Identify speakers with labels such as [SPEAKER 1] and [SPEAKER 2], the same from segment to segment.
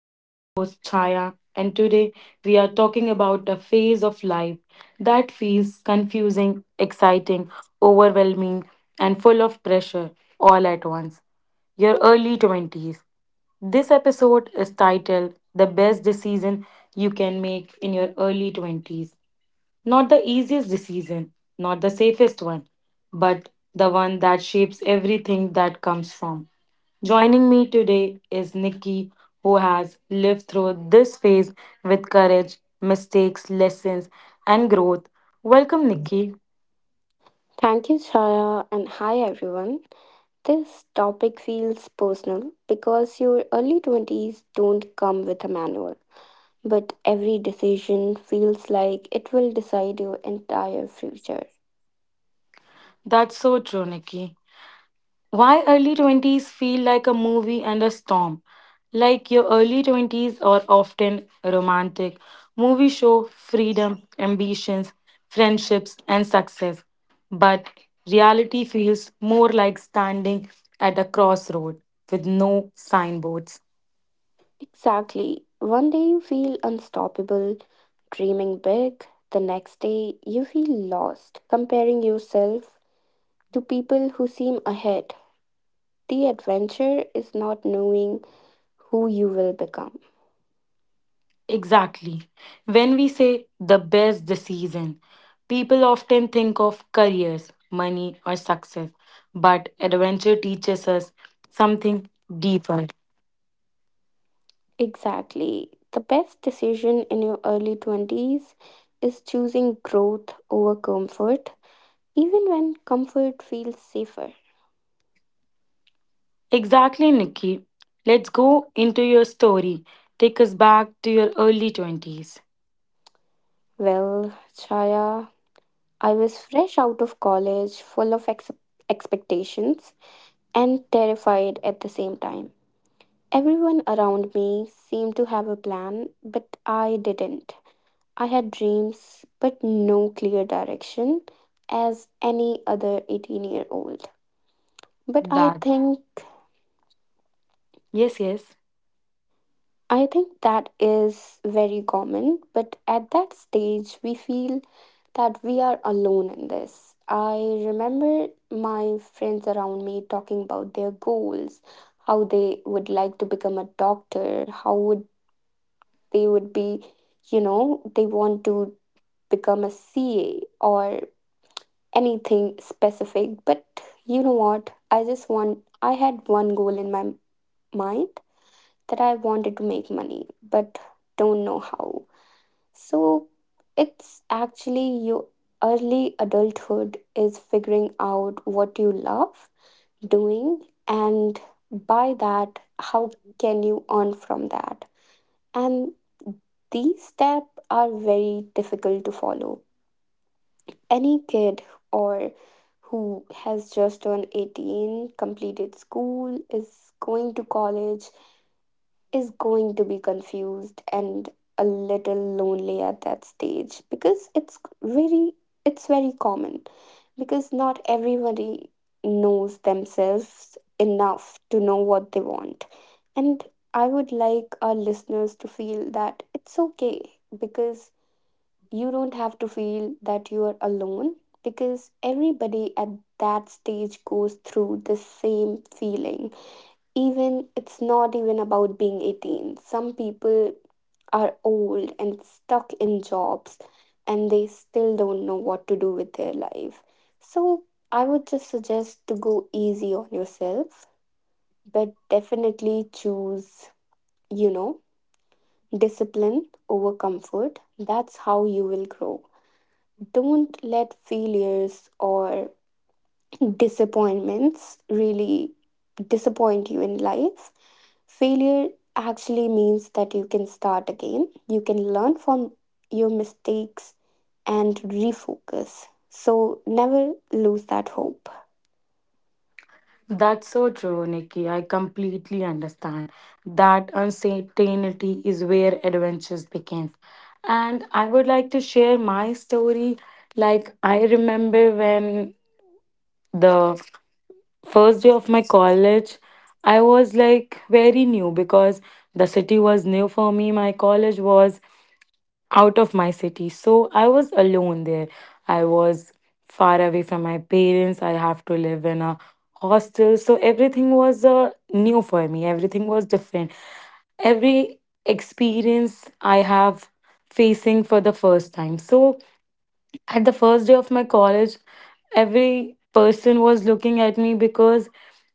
[SPEAKER 1] I'm your host, Chaya, and today we are talking about a phase of life that feels confusing, exciting, overwhelming, and full of pressure all at once, your early 20s. This episode is titled "The Best Decision You Can Make in Your Early 20s." Not the easiest decision, not the safest one, but the one that shapes everything that comes from. Joining me today is Nikki, who has lived through this phase with courage, mistakes, lessons, and growth. Welcome, Nikki.
[SPEAKER 2] Thank you, Shaya, and hi everyone. This topic feels personal because your early 20s don't come with a manual, but every decision feels like it will decide your entire future.
[SPEAKER 1] That's so true, Nikki. Why early 20s feel like a movie and a storm? Like, your early 20s are often romantic. Movies show freedom, ambitions, friendships, and success. But reality feels more like standing at a crossroad with no signboards.
[SPEAKER 2] Exactly. One day you feel unstoppable, dreaming big. The next day you feel lost, comparing yourself to people who seem ahead. The adventure is not knowing who you will become.
[SPEAKER 1] Exactly. When we say the best decision, people often think of careers, money, or success. But adventure teaches us something deeper.
[SPEAKER 2] Exactly. The best decision in your early 20s is choosing growth over comfort, even when comfort feels safer.
[SPEAKER 1] Exactly, Nikki. Let's go into your story. Take us back to your early 20s.
[SPEAKER 2] Well, Chaya, I was fresh out of college, full of expectations and terrified at the same time. Everyone around me seemed to have a plan, but I didn't. I had dreams, but no clear direction, as any other 18-year-old. But I
[SPEAKER 1] That.
[SPEAKER 2] think
[SPEAKER 1] Yes, yes.
[SPEAKER 2] I think that is very common, but at that stage, we feel that we are alone in this. I remember my friends around me talking about their goals, how they would like to become a doctor, how would be, you know, they want to become a CA or anything specific. But you know what? I had one goal in my mind, that I wanted to make money, but don't know how. So it's actually your early adulthood is figuring out what you love doing, and by that how can you earn from that. And these steps are very difficult to follow. Any kid, or who has just turned 18, completed school, is going to college, is going to be confused and a little lonely at that stage, because it's very common, because not everybody knows themselves enough to know what they want. And I would like our listeners to feel that it's okay, because you don't have to feel that you are alone, because everybody at that stage goes through the same feeling. Even it's not even about being 18. Some people are old and stuck in jobs and they still don't know what to do with their life. So I would just suggest to go easy on yourself, but definitely choose, you know, discipline over comfort. That's how you will grow. Don't let failures or disappointments really disappoint you in life. Failure actually means that you can start again, you can learn from your mistakes and refocus. So never lose that hope.
[SPEAKER 1] That's so true, Nikki. I completely understand. That uncertainty is where adventures begins. And I would like to share my story. Like, I remember when the first day of my college, I was like very new because the city was new for me. My college was out of my city. So I was alone there. I was far away from my parents. I have to live in a hostel. So everything was new for me. Everything was different. Every experience I have facing for the first time. So at the first day of my college, every person was looking at me because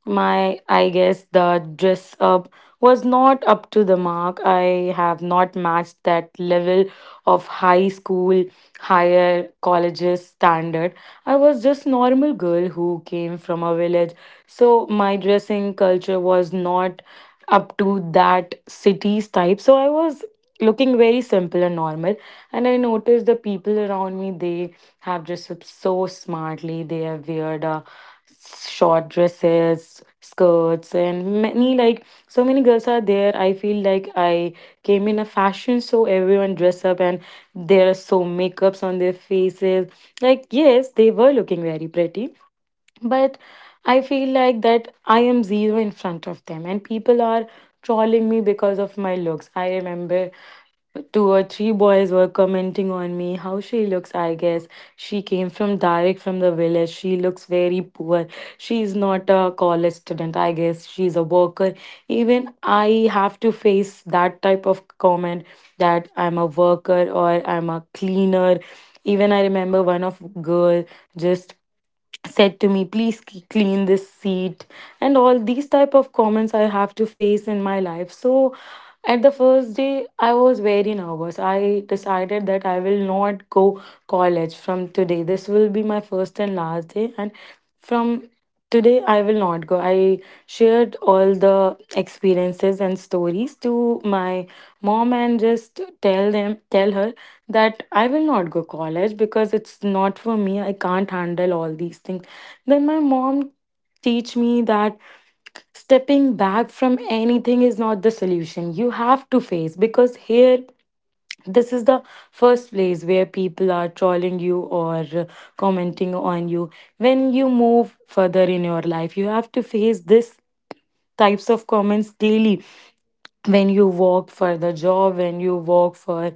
[SPEAKER 1] my, I guess, the dress up was not up to the mark. I have not matched that level of high school, higher colleges standard. I was just normal girl who came from a village. So my dressing culture was not up to that city's type. So I was looking very simple and normal, and I noticed the people around me, they have dressed up so smartly. They have weird short dresses, skirts, and many, like, so many girls are there. I feel like I came in a fashion show, everyone dress up, and there are so makeups on their faces. Like, yes, they were looking very pretty, but I feel like that I am zero in front of them, and people are trolling me because of my looks. I remember two or three boys were commenting on me, how she looks, I guess she came from direct from the village, she looks very poor, she's not a college student, I guess she's a worker. Even I have to face that type of comment, that I'm a worker or I'm a cleaner. Even I remember one of girl just said to me, please clean this seat, and all these type of comments I have to face in my life. So at the first day, I was very nervous. I decided that I will not go college from today. This will be my first and last day, and from today, I will not go. I shared all the experiences and stories to my mom and just tell them, tell her that I will not go college because it's not for me. I can't handle all these things. Then my mom teach me that stepping back from anything is not the solution. You have to face, because here this is the first place where people are trolling you or commenting on you. When you move further in your life, you have to face this types of comments daily, when you work for the job, when you work for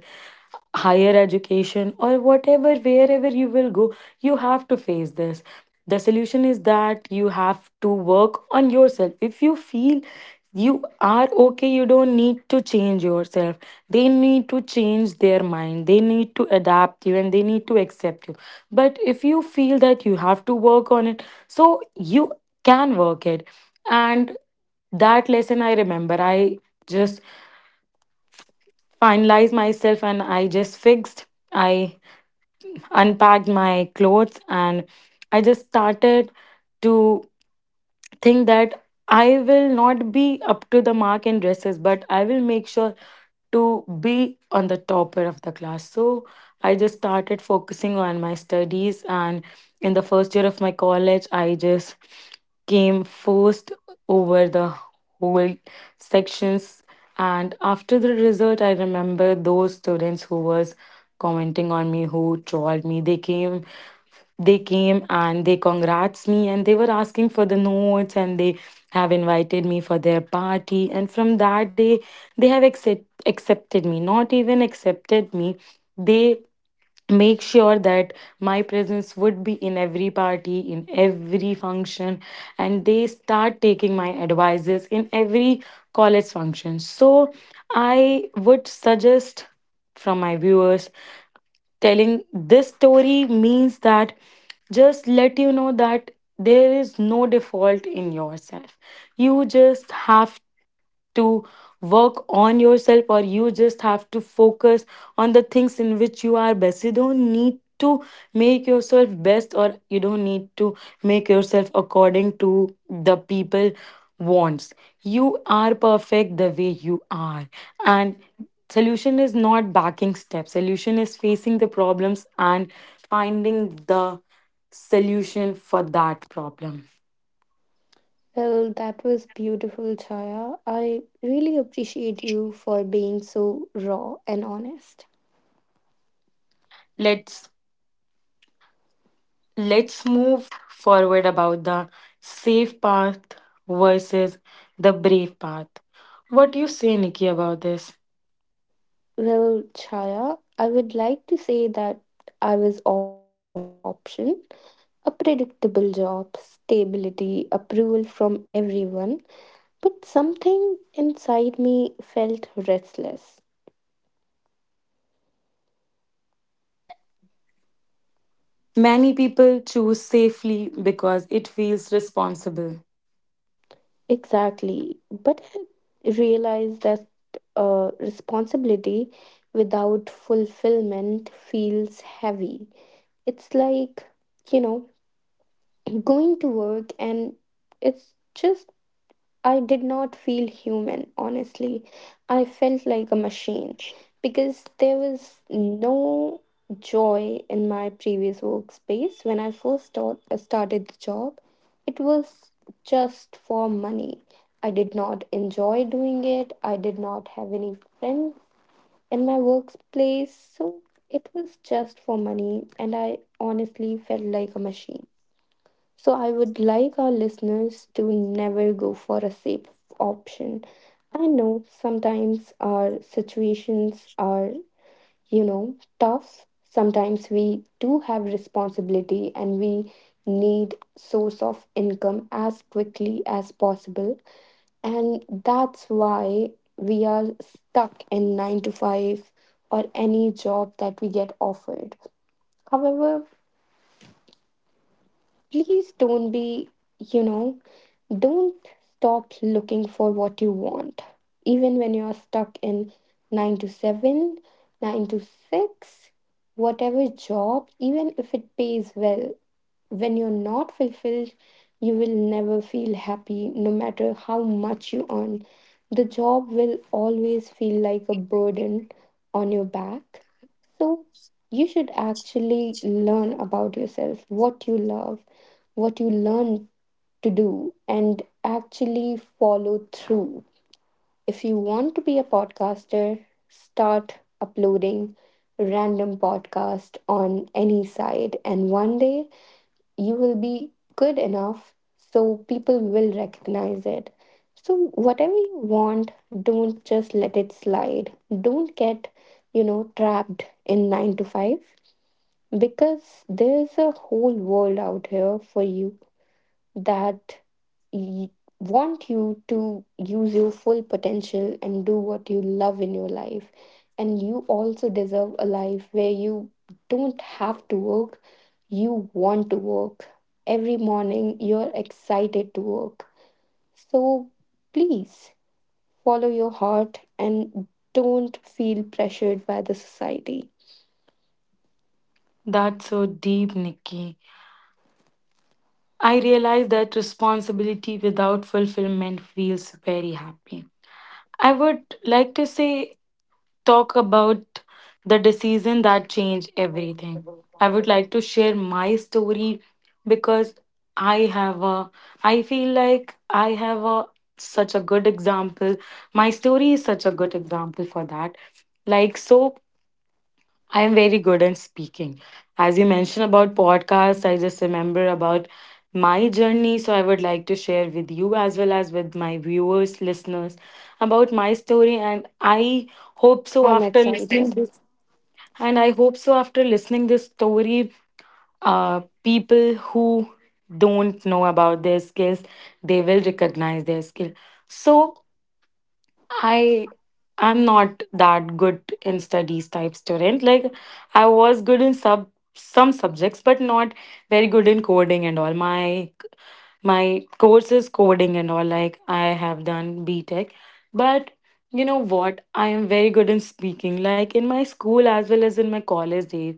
[SPEAKER 1] higher education, or whatever, wherever you will go, you have to face this. The solution is that you have to work on yourself. If you feel you are okay, you don't need to change yourself. They need to change their mind. They need to adapt you and they need to accept you. But if you feel that you have to work on it, so you can work it. And that lesson, I remember, I just finalized myself and I just fixed, I unpacked my clothes, and I just started to think that I will not be up to the mark in dresses, but I will make sure to be on the topper of the class. So I just started focusing on my studies, and in the first year of my college, I just came first over the whole sections. And after the result, I remember those students who was commenting on me, who trolled me. They came and they congrats me, and they were asking for the notes, and they have invited me for their party. And from that day, they have accepted me. Not even accepted me. They make sure that my presence would be in every party, in every function, and they start taking my advices in every college function. So I would suggest from my viewers, telling this story means that just let you know that there is no default in yourself. You just have to work on yourself, or you just have to focus on the things in which you are best. You don't need to make yourself best, or you don't need to make yourself according to the people wants. You are perfect the way you are. And solution is not backing steps, solution is facing the problems and finding the solution for that problem.
[SPEAKER 2] Well, that was beautiful, Chaya. I really appreciate you for being so raw and honest.
[SPEAKER 1] let's Let's move forward about the safe path versus the brave path. What do you say, Nikki, about this?
[SPEAKER 2] Well, Chaya, I would like to say that I was offered a safe option, a predictable job, stability, approval from everyone, but something inside me felt restless.
[SPEAKER 1] Many people choose safely because it feels responsible.
[SPEAKER 2] Exactly. But I realized that responsibility without fulfillment feels heavy. It's like, you know, going to work and it's just, I did not feel human, honestly. I felt like a machine because there was no joy in my previous workspace when I first started the job. It was just for money. I did not enjoy doing it. I did not have any friends in my workplace. So it was just for money, and I honestly felt like a machine. So I would like our listeners to never go for a safe option. I know sometimes our situations are, you know, tough. Sometimes we do have responsibility and we need source of income as quickly as possible. And that's why we are stuck in 9 to 5 or any job that we get offered. However, please don't be, you know, don't stop looking for what you want. Even when you're stuck in 9 to 7, 9 to 6, whatever job, even if it pays well, when you're not fulfilled, you will never feel happy no matter how much you earn. The job will always feel like a burden on your back. So, you should actually learn about yourself, what you love, what you learn to do, and actually follow through. If you want to be a podcaster, start uploading random podcast on any side and one day you will be good enough so people will recognize it. So whatever you want, don't just let it slide. Don't get, you know, trapped in 9 to 5, because there's a whole world out here for you that y- want you to use your full potential and do what you love in your life. And you also deserve a life where you don't have to work, you want to work. Every morning, you're excited to work. So please follow your heart and don't feel pressured by the society.
[SPEAKER 1] That's so deep, Nikki. I realize that responsibility without fulfillment feels very happy. I would like to say, talk about the decision that changed everything. I would like to share my story because I have a I feel like I have a such a good example. My story is such a good example for that. Like, so I am very good in speaking. As you mentioned about podcasts, I just remember about my journey. So I would like to share with you as well as with my viewers, listeners about my story. Hope so
[SPEAKER 2] I'm
[SPEAKER 1] after
[SPEAKER 2] excited.
[SPEAKER 1] listening this and I hope so after listening this story, uh, people who don't know about their skills, they will recognize their skill. So I I'm not that good in studies type student. Like, I was good in sub some subjects, but not very good in coding and all. My course is coding and all. Like, I have done B Tech, but you know what? I am very good in speaking. Like, in my school as well as in my college days,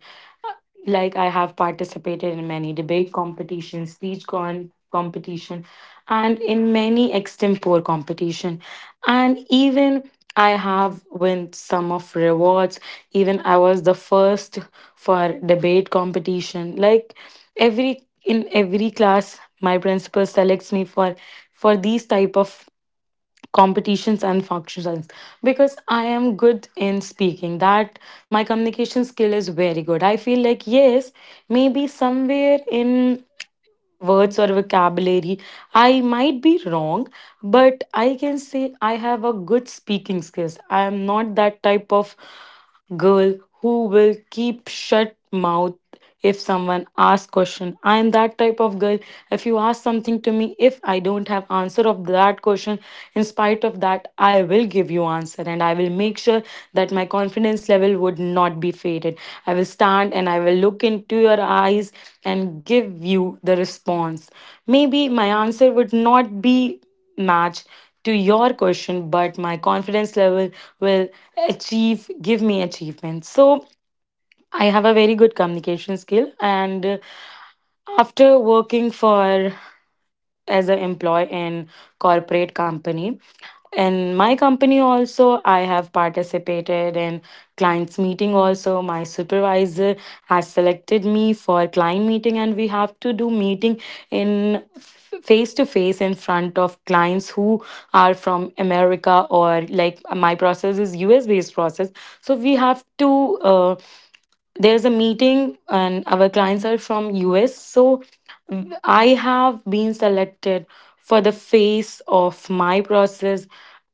[SPEAKER 1] like I have participated in many debate competitions, speech con competition, and in many extempore competition, and even I have won some of rewards. Even I was the first for debate competition. Like every, in every class, my principal selects me for these type of competitions and functions, because I am good in speaking, that my communication skill is very good. I feel like, yes, maybe somewhere in words or vocabulary I might be wrong, but I can say I have a good speaking skills. I am not that type of girl who will keep shut mouth if someone asks question. I am that type of girl, if you ask something to me, if I don't have answer of that question, in spite of that I will give you answer, and I will make sure that my confidence level would not be faded. I will stand and I will look into your eyes and give you the response. Maybe my answer would not be match to your question, but my confidence level will achieve give me achievement. So I have a very good communication skill, and after working for as an employee in corporate company, in my company also I have participated in clients meeting. Also my supervisor has selected me for client meeting, and we have to do meeting in face to face in front of clients who are from america, or like my process is us based process, so we have to, there's a meeting and our clients are from US. So I have been selected for the face of my process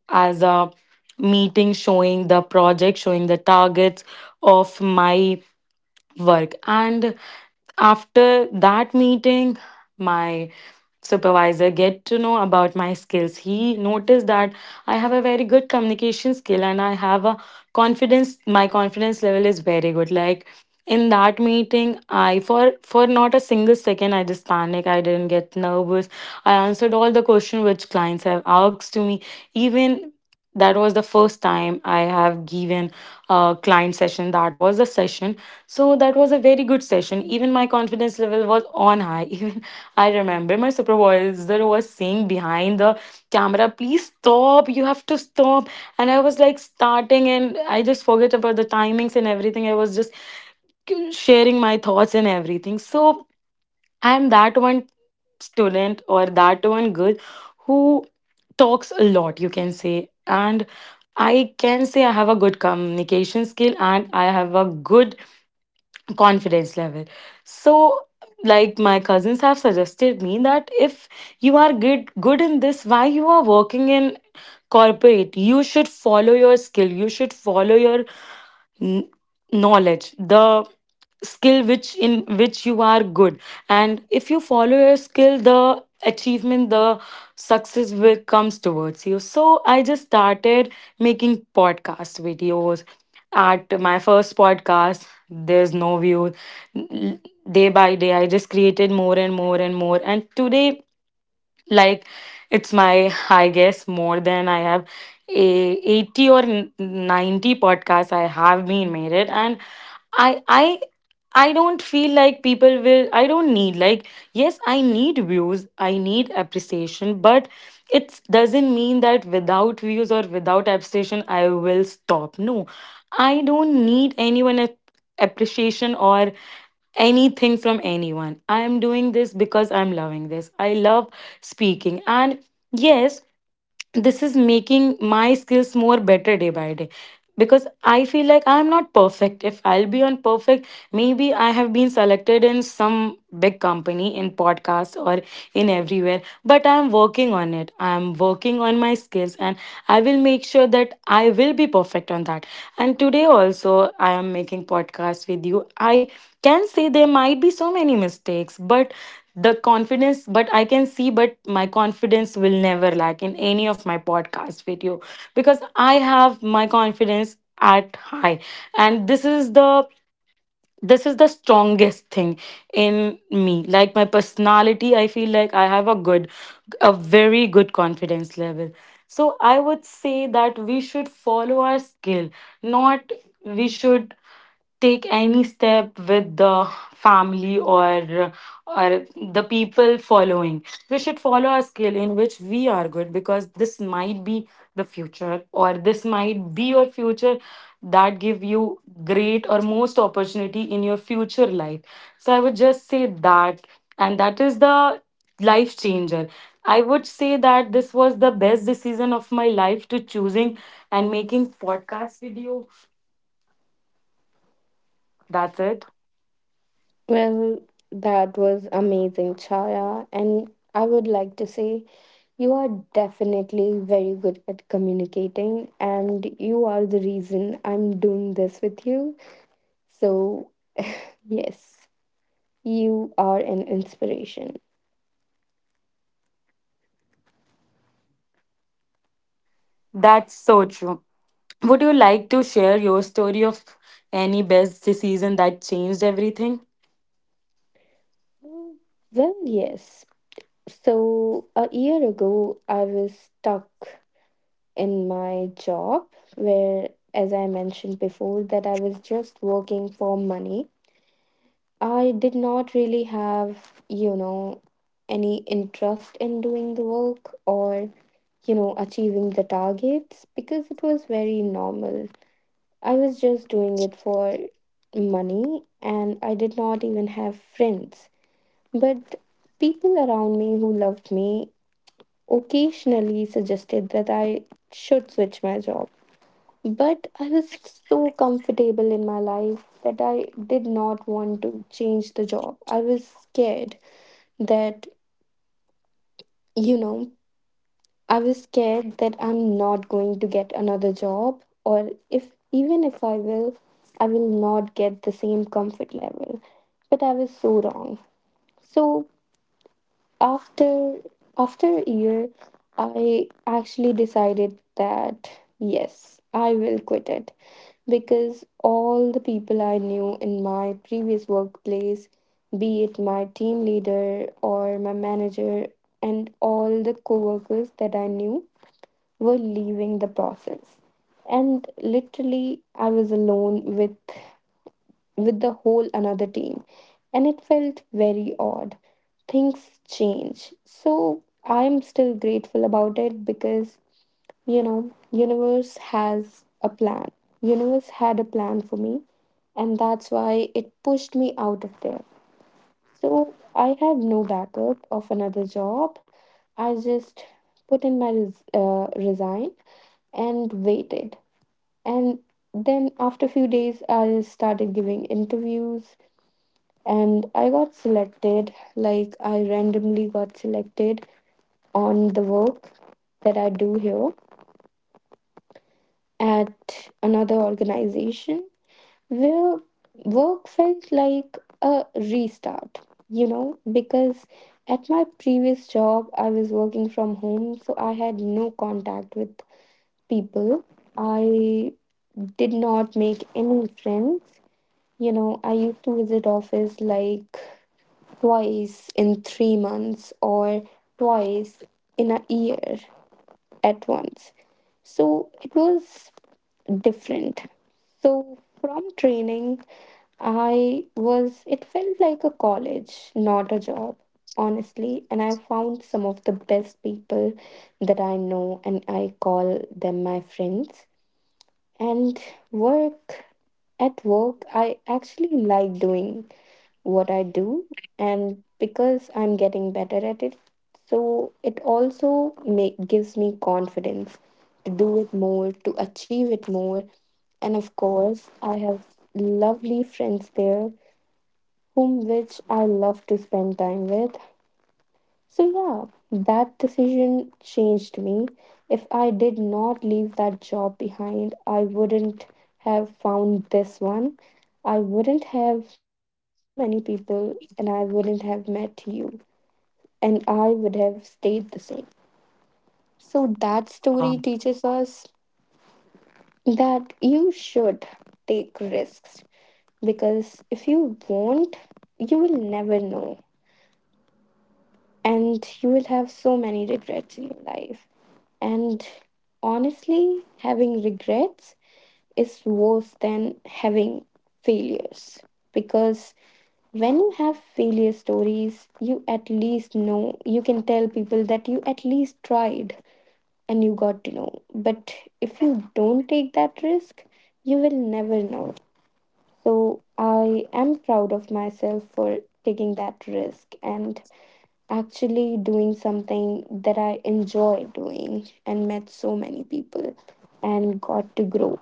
[SPEAKER 1] as a meeting, showing the project, showing the targets of my work. And after that meeting, my supervisor get to know about my skills. He noticed that I have a very good communication skill, and I have a confidence, my confidence level is very good. Like in that meeting, I, for not a single second I just panic. I didn't get nervous. I answered all the question which clients have asked to me. Even that was the first time I have given a client session. That was the session. So that was a very good session. Even my confidence level was on high. Even I remember my supervisor was saying behind the camera, "Please stop, you have to stop." And I was like starting and I just forget about the timings and everything. I was just sharing my thoughts and everything. So I'm that one student or that one girl who talks a lot, you can say. And I can say I have a good communication skill and I have a good confidence level. So like my cousins have suggested me that if you are good in this, why you are working in corporate? You should follow your skill, you should follow your n- knowledge, the skill which in which you are good. And if you follow your skill, the achievement, the success will comes towards you. So I just started making podcast videos. At my first podcast, there's no view. Day by day I just created more and more and more, and today, like, it's my, I guess, more than I have a 80 or 90 podcasts I have been made it. And I I don't feel like people will, I don't need like, yes, I need views, I need appreciation, but it doesn't mean that without views or without appreciation I will stop. No, I don't need anyone appreciation or anything from anyone. I am doing this because I'm loving this. I love speaking. And yes, this is making my skills more better day by day, because I feel like I'm not perfect. If I'll be on perfect, maybe I have been selected in some big company in podcasts or in everywhere, but I'm working on it, I'm working on my skills, and I will make sure that I will be perfect on that. And today also I am making podcasts with you. I can say there might be so many mistakes, but the confidence, but I can see, but my confidence will never lack in any of my podcast video, because I have my confidence at high. And this is the, this is the strongest thing in me, like my personality. I feel like I have a good, a very good confidence level. So I would say that we should follow our skill, not, we should take any step with the family or the people following. We should follow a skill in which we are good, because this might be the future, or this might be your future that give you great or most opportunity in your future life. So I would just say that, and that is the life changer. I would say that this was the best decision of my life, to choosing and making podcast with you. That's it.
[SPEAKER 2] Well, that was amazing, Chaya. And I would like to say, you are definitely very good at communicating, and you are the reason I'm doing this with you. So, yes, you are an inspiration.
[SPEAKER 1] That's so true. Would you like to share your story of any best decision that changed everything?
[SPEAKER 2] Mm, Well, yes. So, a year ago, I was stuck in my job where, as I mentioned before, that I was just working for money. I did not really have, you know, any interest in doing the work or, you know, achieving the targets because it was very normal. I was just doing it for money and I did not even have friends. But people around me who loved me occasionally suggested that I should switch my job. But I was so comfortable in my life that I did not want to change the job. I was scared that, you know, I was scared that I'm not going to get another job, or if even if I will, I will not get the same comfort level. But I was so wrong. So after after a year, I actually decided that yes, I will quit it, because all the people I knew in my previous workplace, be it my team leader or my manager and all the coworkers that I knew, were leaving the process. And literally, I was alone with, the whole another team. And it felt very odd. Things change. So I'm still grateful about it because, you know, universe has a plan. Universe had a plan for me and that's why it pushed me out of there. So I had no backup of another job. I just put in my resign and waited. And then after a few days, I started giving interviews and I got selected. Like, I randomly got selected on the work that I do here at another organization, where work felt like a restart, you know, because at my previous job, I was working from home, so I had no contact with people. I did not make any friends. You know, I used to visit office like twice in 3 months, or twice in a year at once. So it was different. So from training, it felt like a college, not a job, honestly. And I found some of the best people that I know, and I call them my friends. And work at work, I actually like doing what I do, and because I'm getting better at it, so it also gives me confidence to do it more, to achieve it more. And of course, I have lovely friends there, whom which I love to spend time with. So, yeah, that decision changed me. If I did not leave that job behind, I wouldn't have found this one. I wouldn't have met so many people, and I wouldn't have met you. And I would have stayed the same. So, that story
[SPEAKER 1] Oh,
[SPEAKER 2] teaches us that you should take risks, because if you won't, you will never know, and you will have so many regrets in your life. And honestly, having regrets is worse than having failures, because when you have failure stories, you at least know you can tell people that you at least tried and you got to know. But if you don't take that risk, you will never know. So I am proud of myself for taking that risk and actually doing something that I enjoy doing and met so many people and got to grow.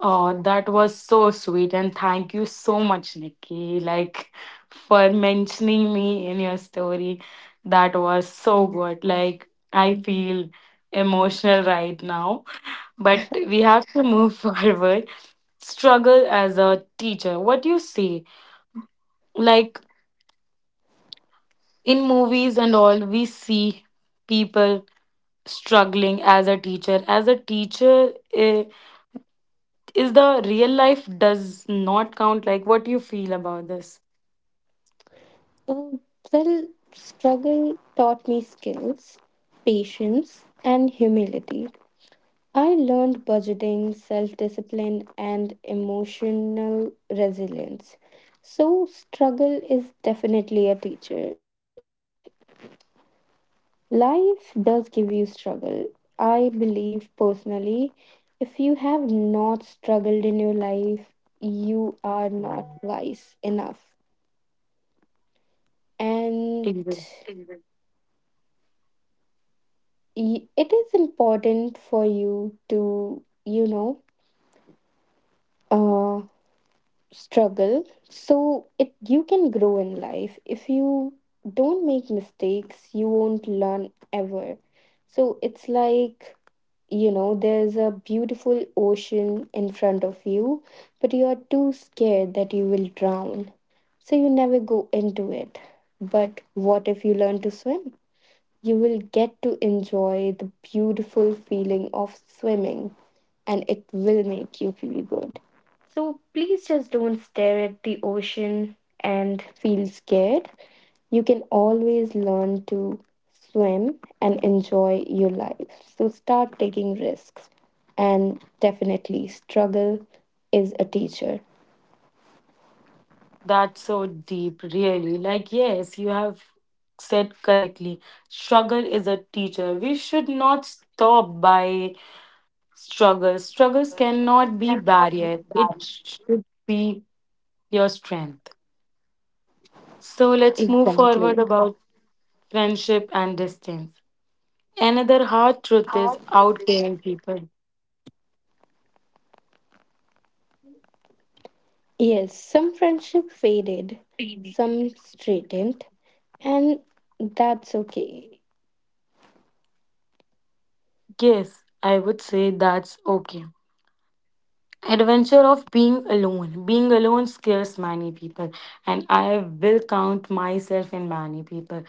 [SPEAKER 1] oh, that was so sweet. And thank you so much, Nikki, like, for mentioning me in your story. That was so good. Like, I feel emotional right now, but we have to move forward. Struggle as a teacher. What do you say? Like, in movies and all, we see people struggling as a teacher, as a teacher, eh, is the real life does not count, like what you feel about this?
[SPEAKER 2] Uh, well, struggle taught me skills, patience, and humility. I learned budgeting, self discipline, and emotional resilience. So, struggle is definitely a teacher, and life does give you struggle. I believe personally, if you have not struggled in your life, you are not wise enough. And
[SPEAKER 1] Exactly.
[SPEAKER 2] it is important for you to, you know, uh, struggle so it you can grow in life. If you don't make mistakes, you won't learn ever. So it's like, you know, there's a beautiful ocean in front of you, but you are too scared that you will drown. So you never go into it. But what if you learn to swim? You will get to enjoy the beautiful feeling of swimming and it will make you feel good. So please just don't stare at the ocean and feel scared. You can always learn to swim and enjoy your life. So start taking risks. And definitely, struggle is a teacher.
[SPEAKER 1] That's so deep, really. Like, yes, you have said correctly, struggle is a teacher. We should not stop by struggles. Struggles cannot be barrier, it should be your strength. So let's move
[SPEAKER 2] Exactly.
[SPEAKER 1] forward about friendship and distance. Another hard truth is
[SPEAKER 2] Hard work.
[SPEAKER 1] outgoing people.
[SPEAKER 2] Yes, some friendship faded, some straightened, and that's okay.
[SPEAKER 1] Yes, I would say that's okay. Adventure of being alone. Being alone scares many people, and I will count myself in many people.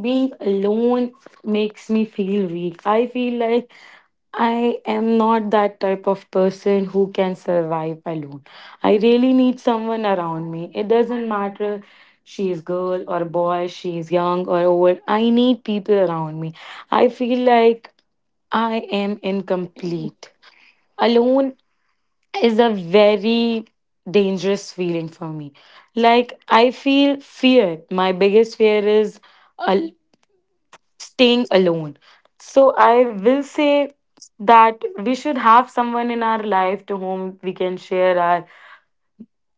[SPEAKER 1] Being alone makes me feel weak. I feel like I am not that type of person who can survive alone. I really need someone around me. It doesn't matter she is girl or boy, she is young or old. I need people around me. I feel like I am incomplete. Alone is a very dangerous feeling for me. Like, I feel fear. My biggest fear is al- staying alone. So, I will say that we should have someone in our life to whom we can share our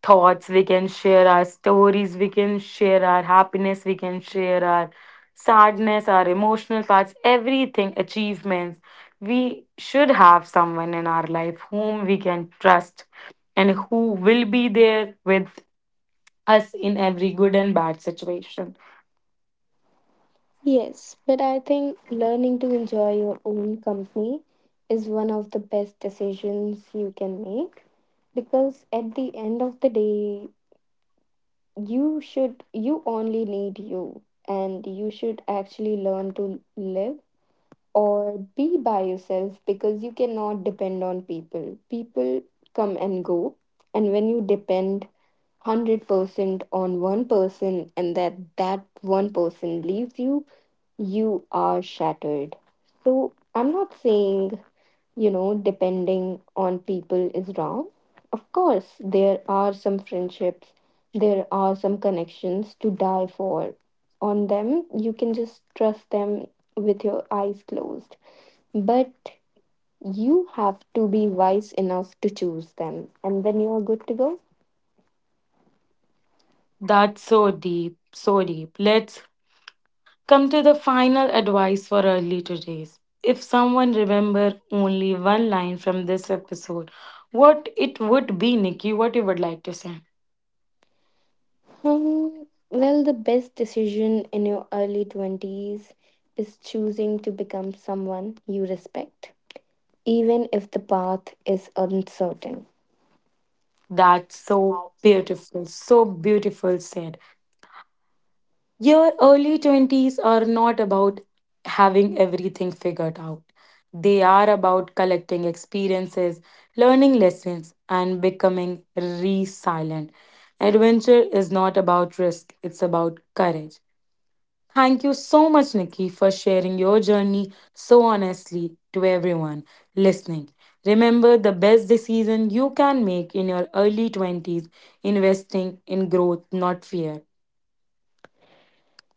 [SPEAKER 1] thoughts, we can share our stories, we can share our happiness, we can share our sadness, our emotional parts, everything, achievements. We should have someone in our life whom we can trust and who will be there with us in every good and bad situation.
[SPEAKER 2] Yes, but I think learning to enjoy your own company is one of the best decisions you can make, because at the end of the day, you only need you, and you should actually learn to live or be by yourself, because you cannot depend on people. People come and go, and when you depend 100% on one person, and that one person leaves you, you are shattered. So I'm not saying, you know, depending on people is wrong. Of course, there are some friendships, there are some connections to die for. On them, you can just trust them with your eyes closed. But you have to be wise enough to choose them, and then you are good to go.
[SPEAKER 1] That's so deep, so deep. Let's come to the final advice for early today's. If someone remember only one line from this episode, what it would be, Nikki, what you would like to say?
[SPEAKER 2] The best decision in your early 20s is choosing to become someone you respect, even if the path is uncertain.
[SPEAKER 1] That's so beautiful said. Your early 20s are not about having everything figured out. They are about collecting experiences, learning lessons, and becoming resilient. Adventure is not about risk, it's about courage. Thank you so much, Nikki, for sharing your journey so honestly to everyone listening. Remember, the best decision you can make in your early 20s, investing in growth, not fear.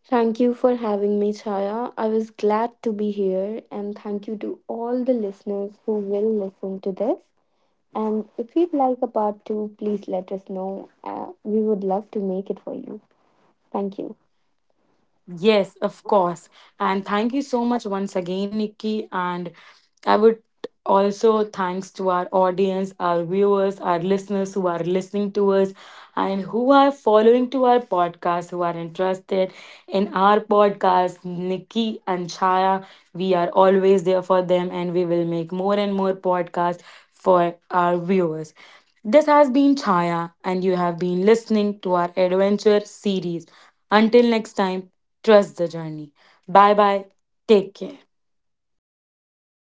[SPEAKER 2] Thank you for having me, Chaya. I was glad to be here, and thank you to all the listeners who will listen to this. And if you'd like a part two, please let us know. We would love to make it for you. Thank you.
[SPEAKER 1] Yes, of course. And thank you so much once again, Nikki. And I would also thanks to our audience, our viewers, our listeners who are listening to us and who are following to our podcast, who are interested in our podcast, Nikki and Chaya. We are always there for them, and we will make more and more podcasts for our viewers. This has been Chaya and you have been listening to our adventure series. Until next time, trust the journey. Bye bye. Take care.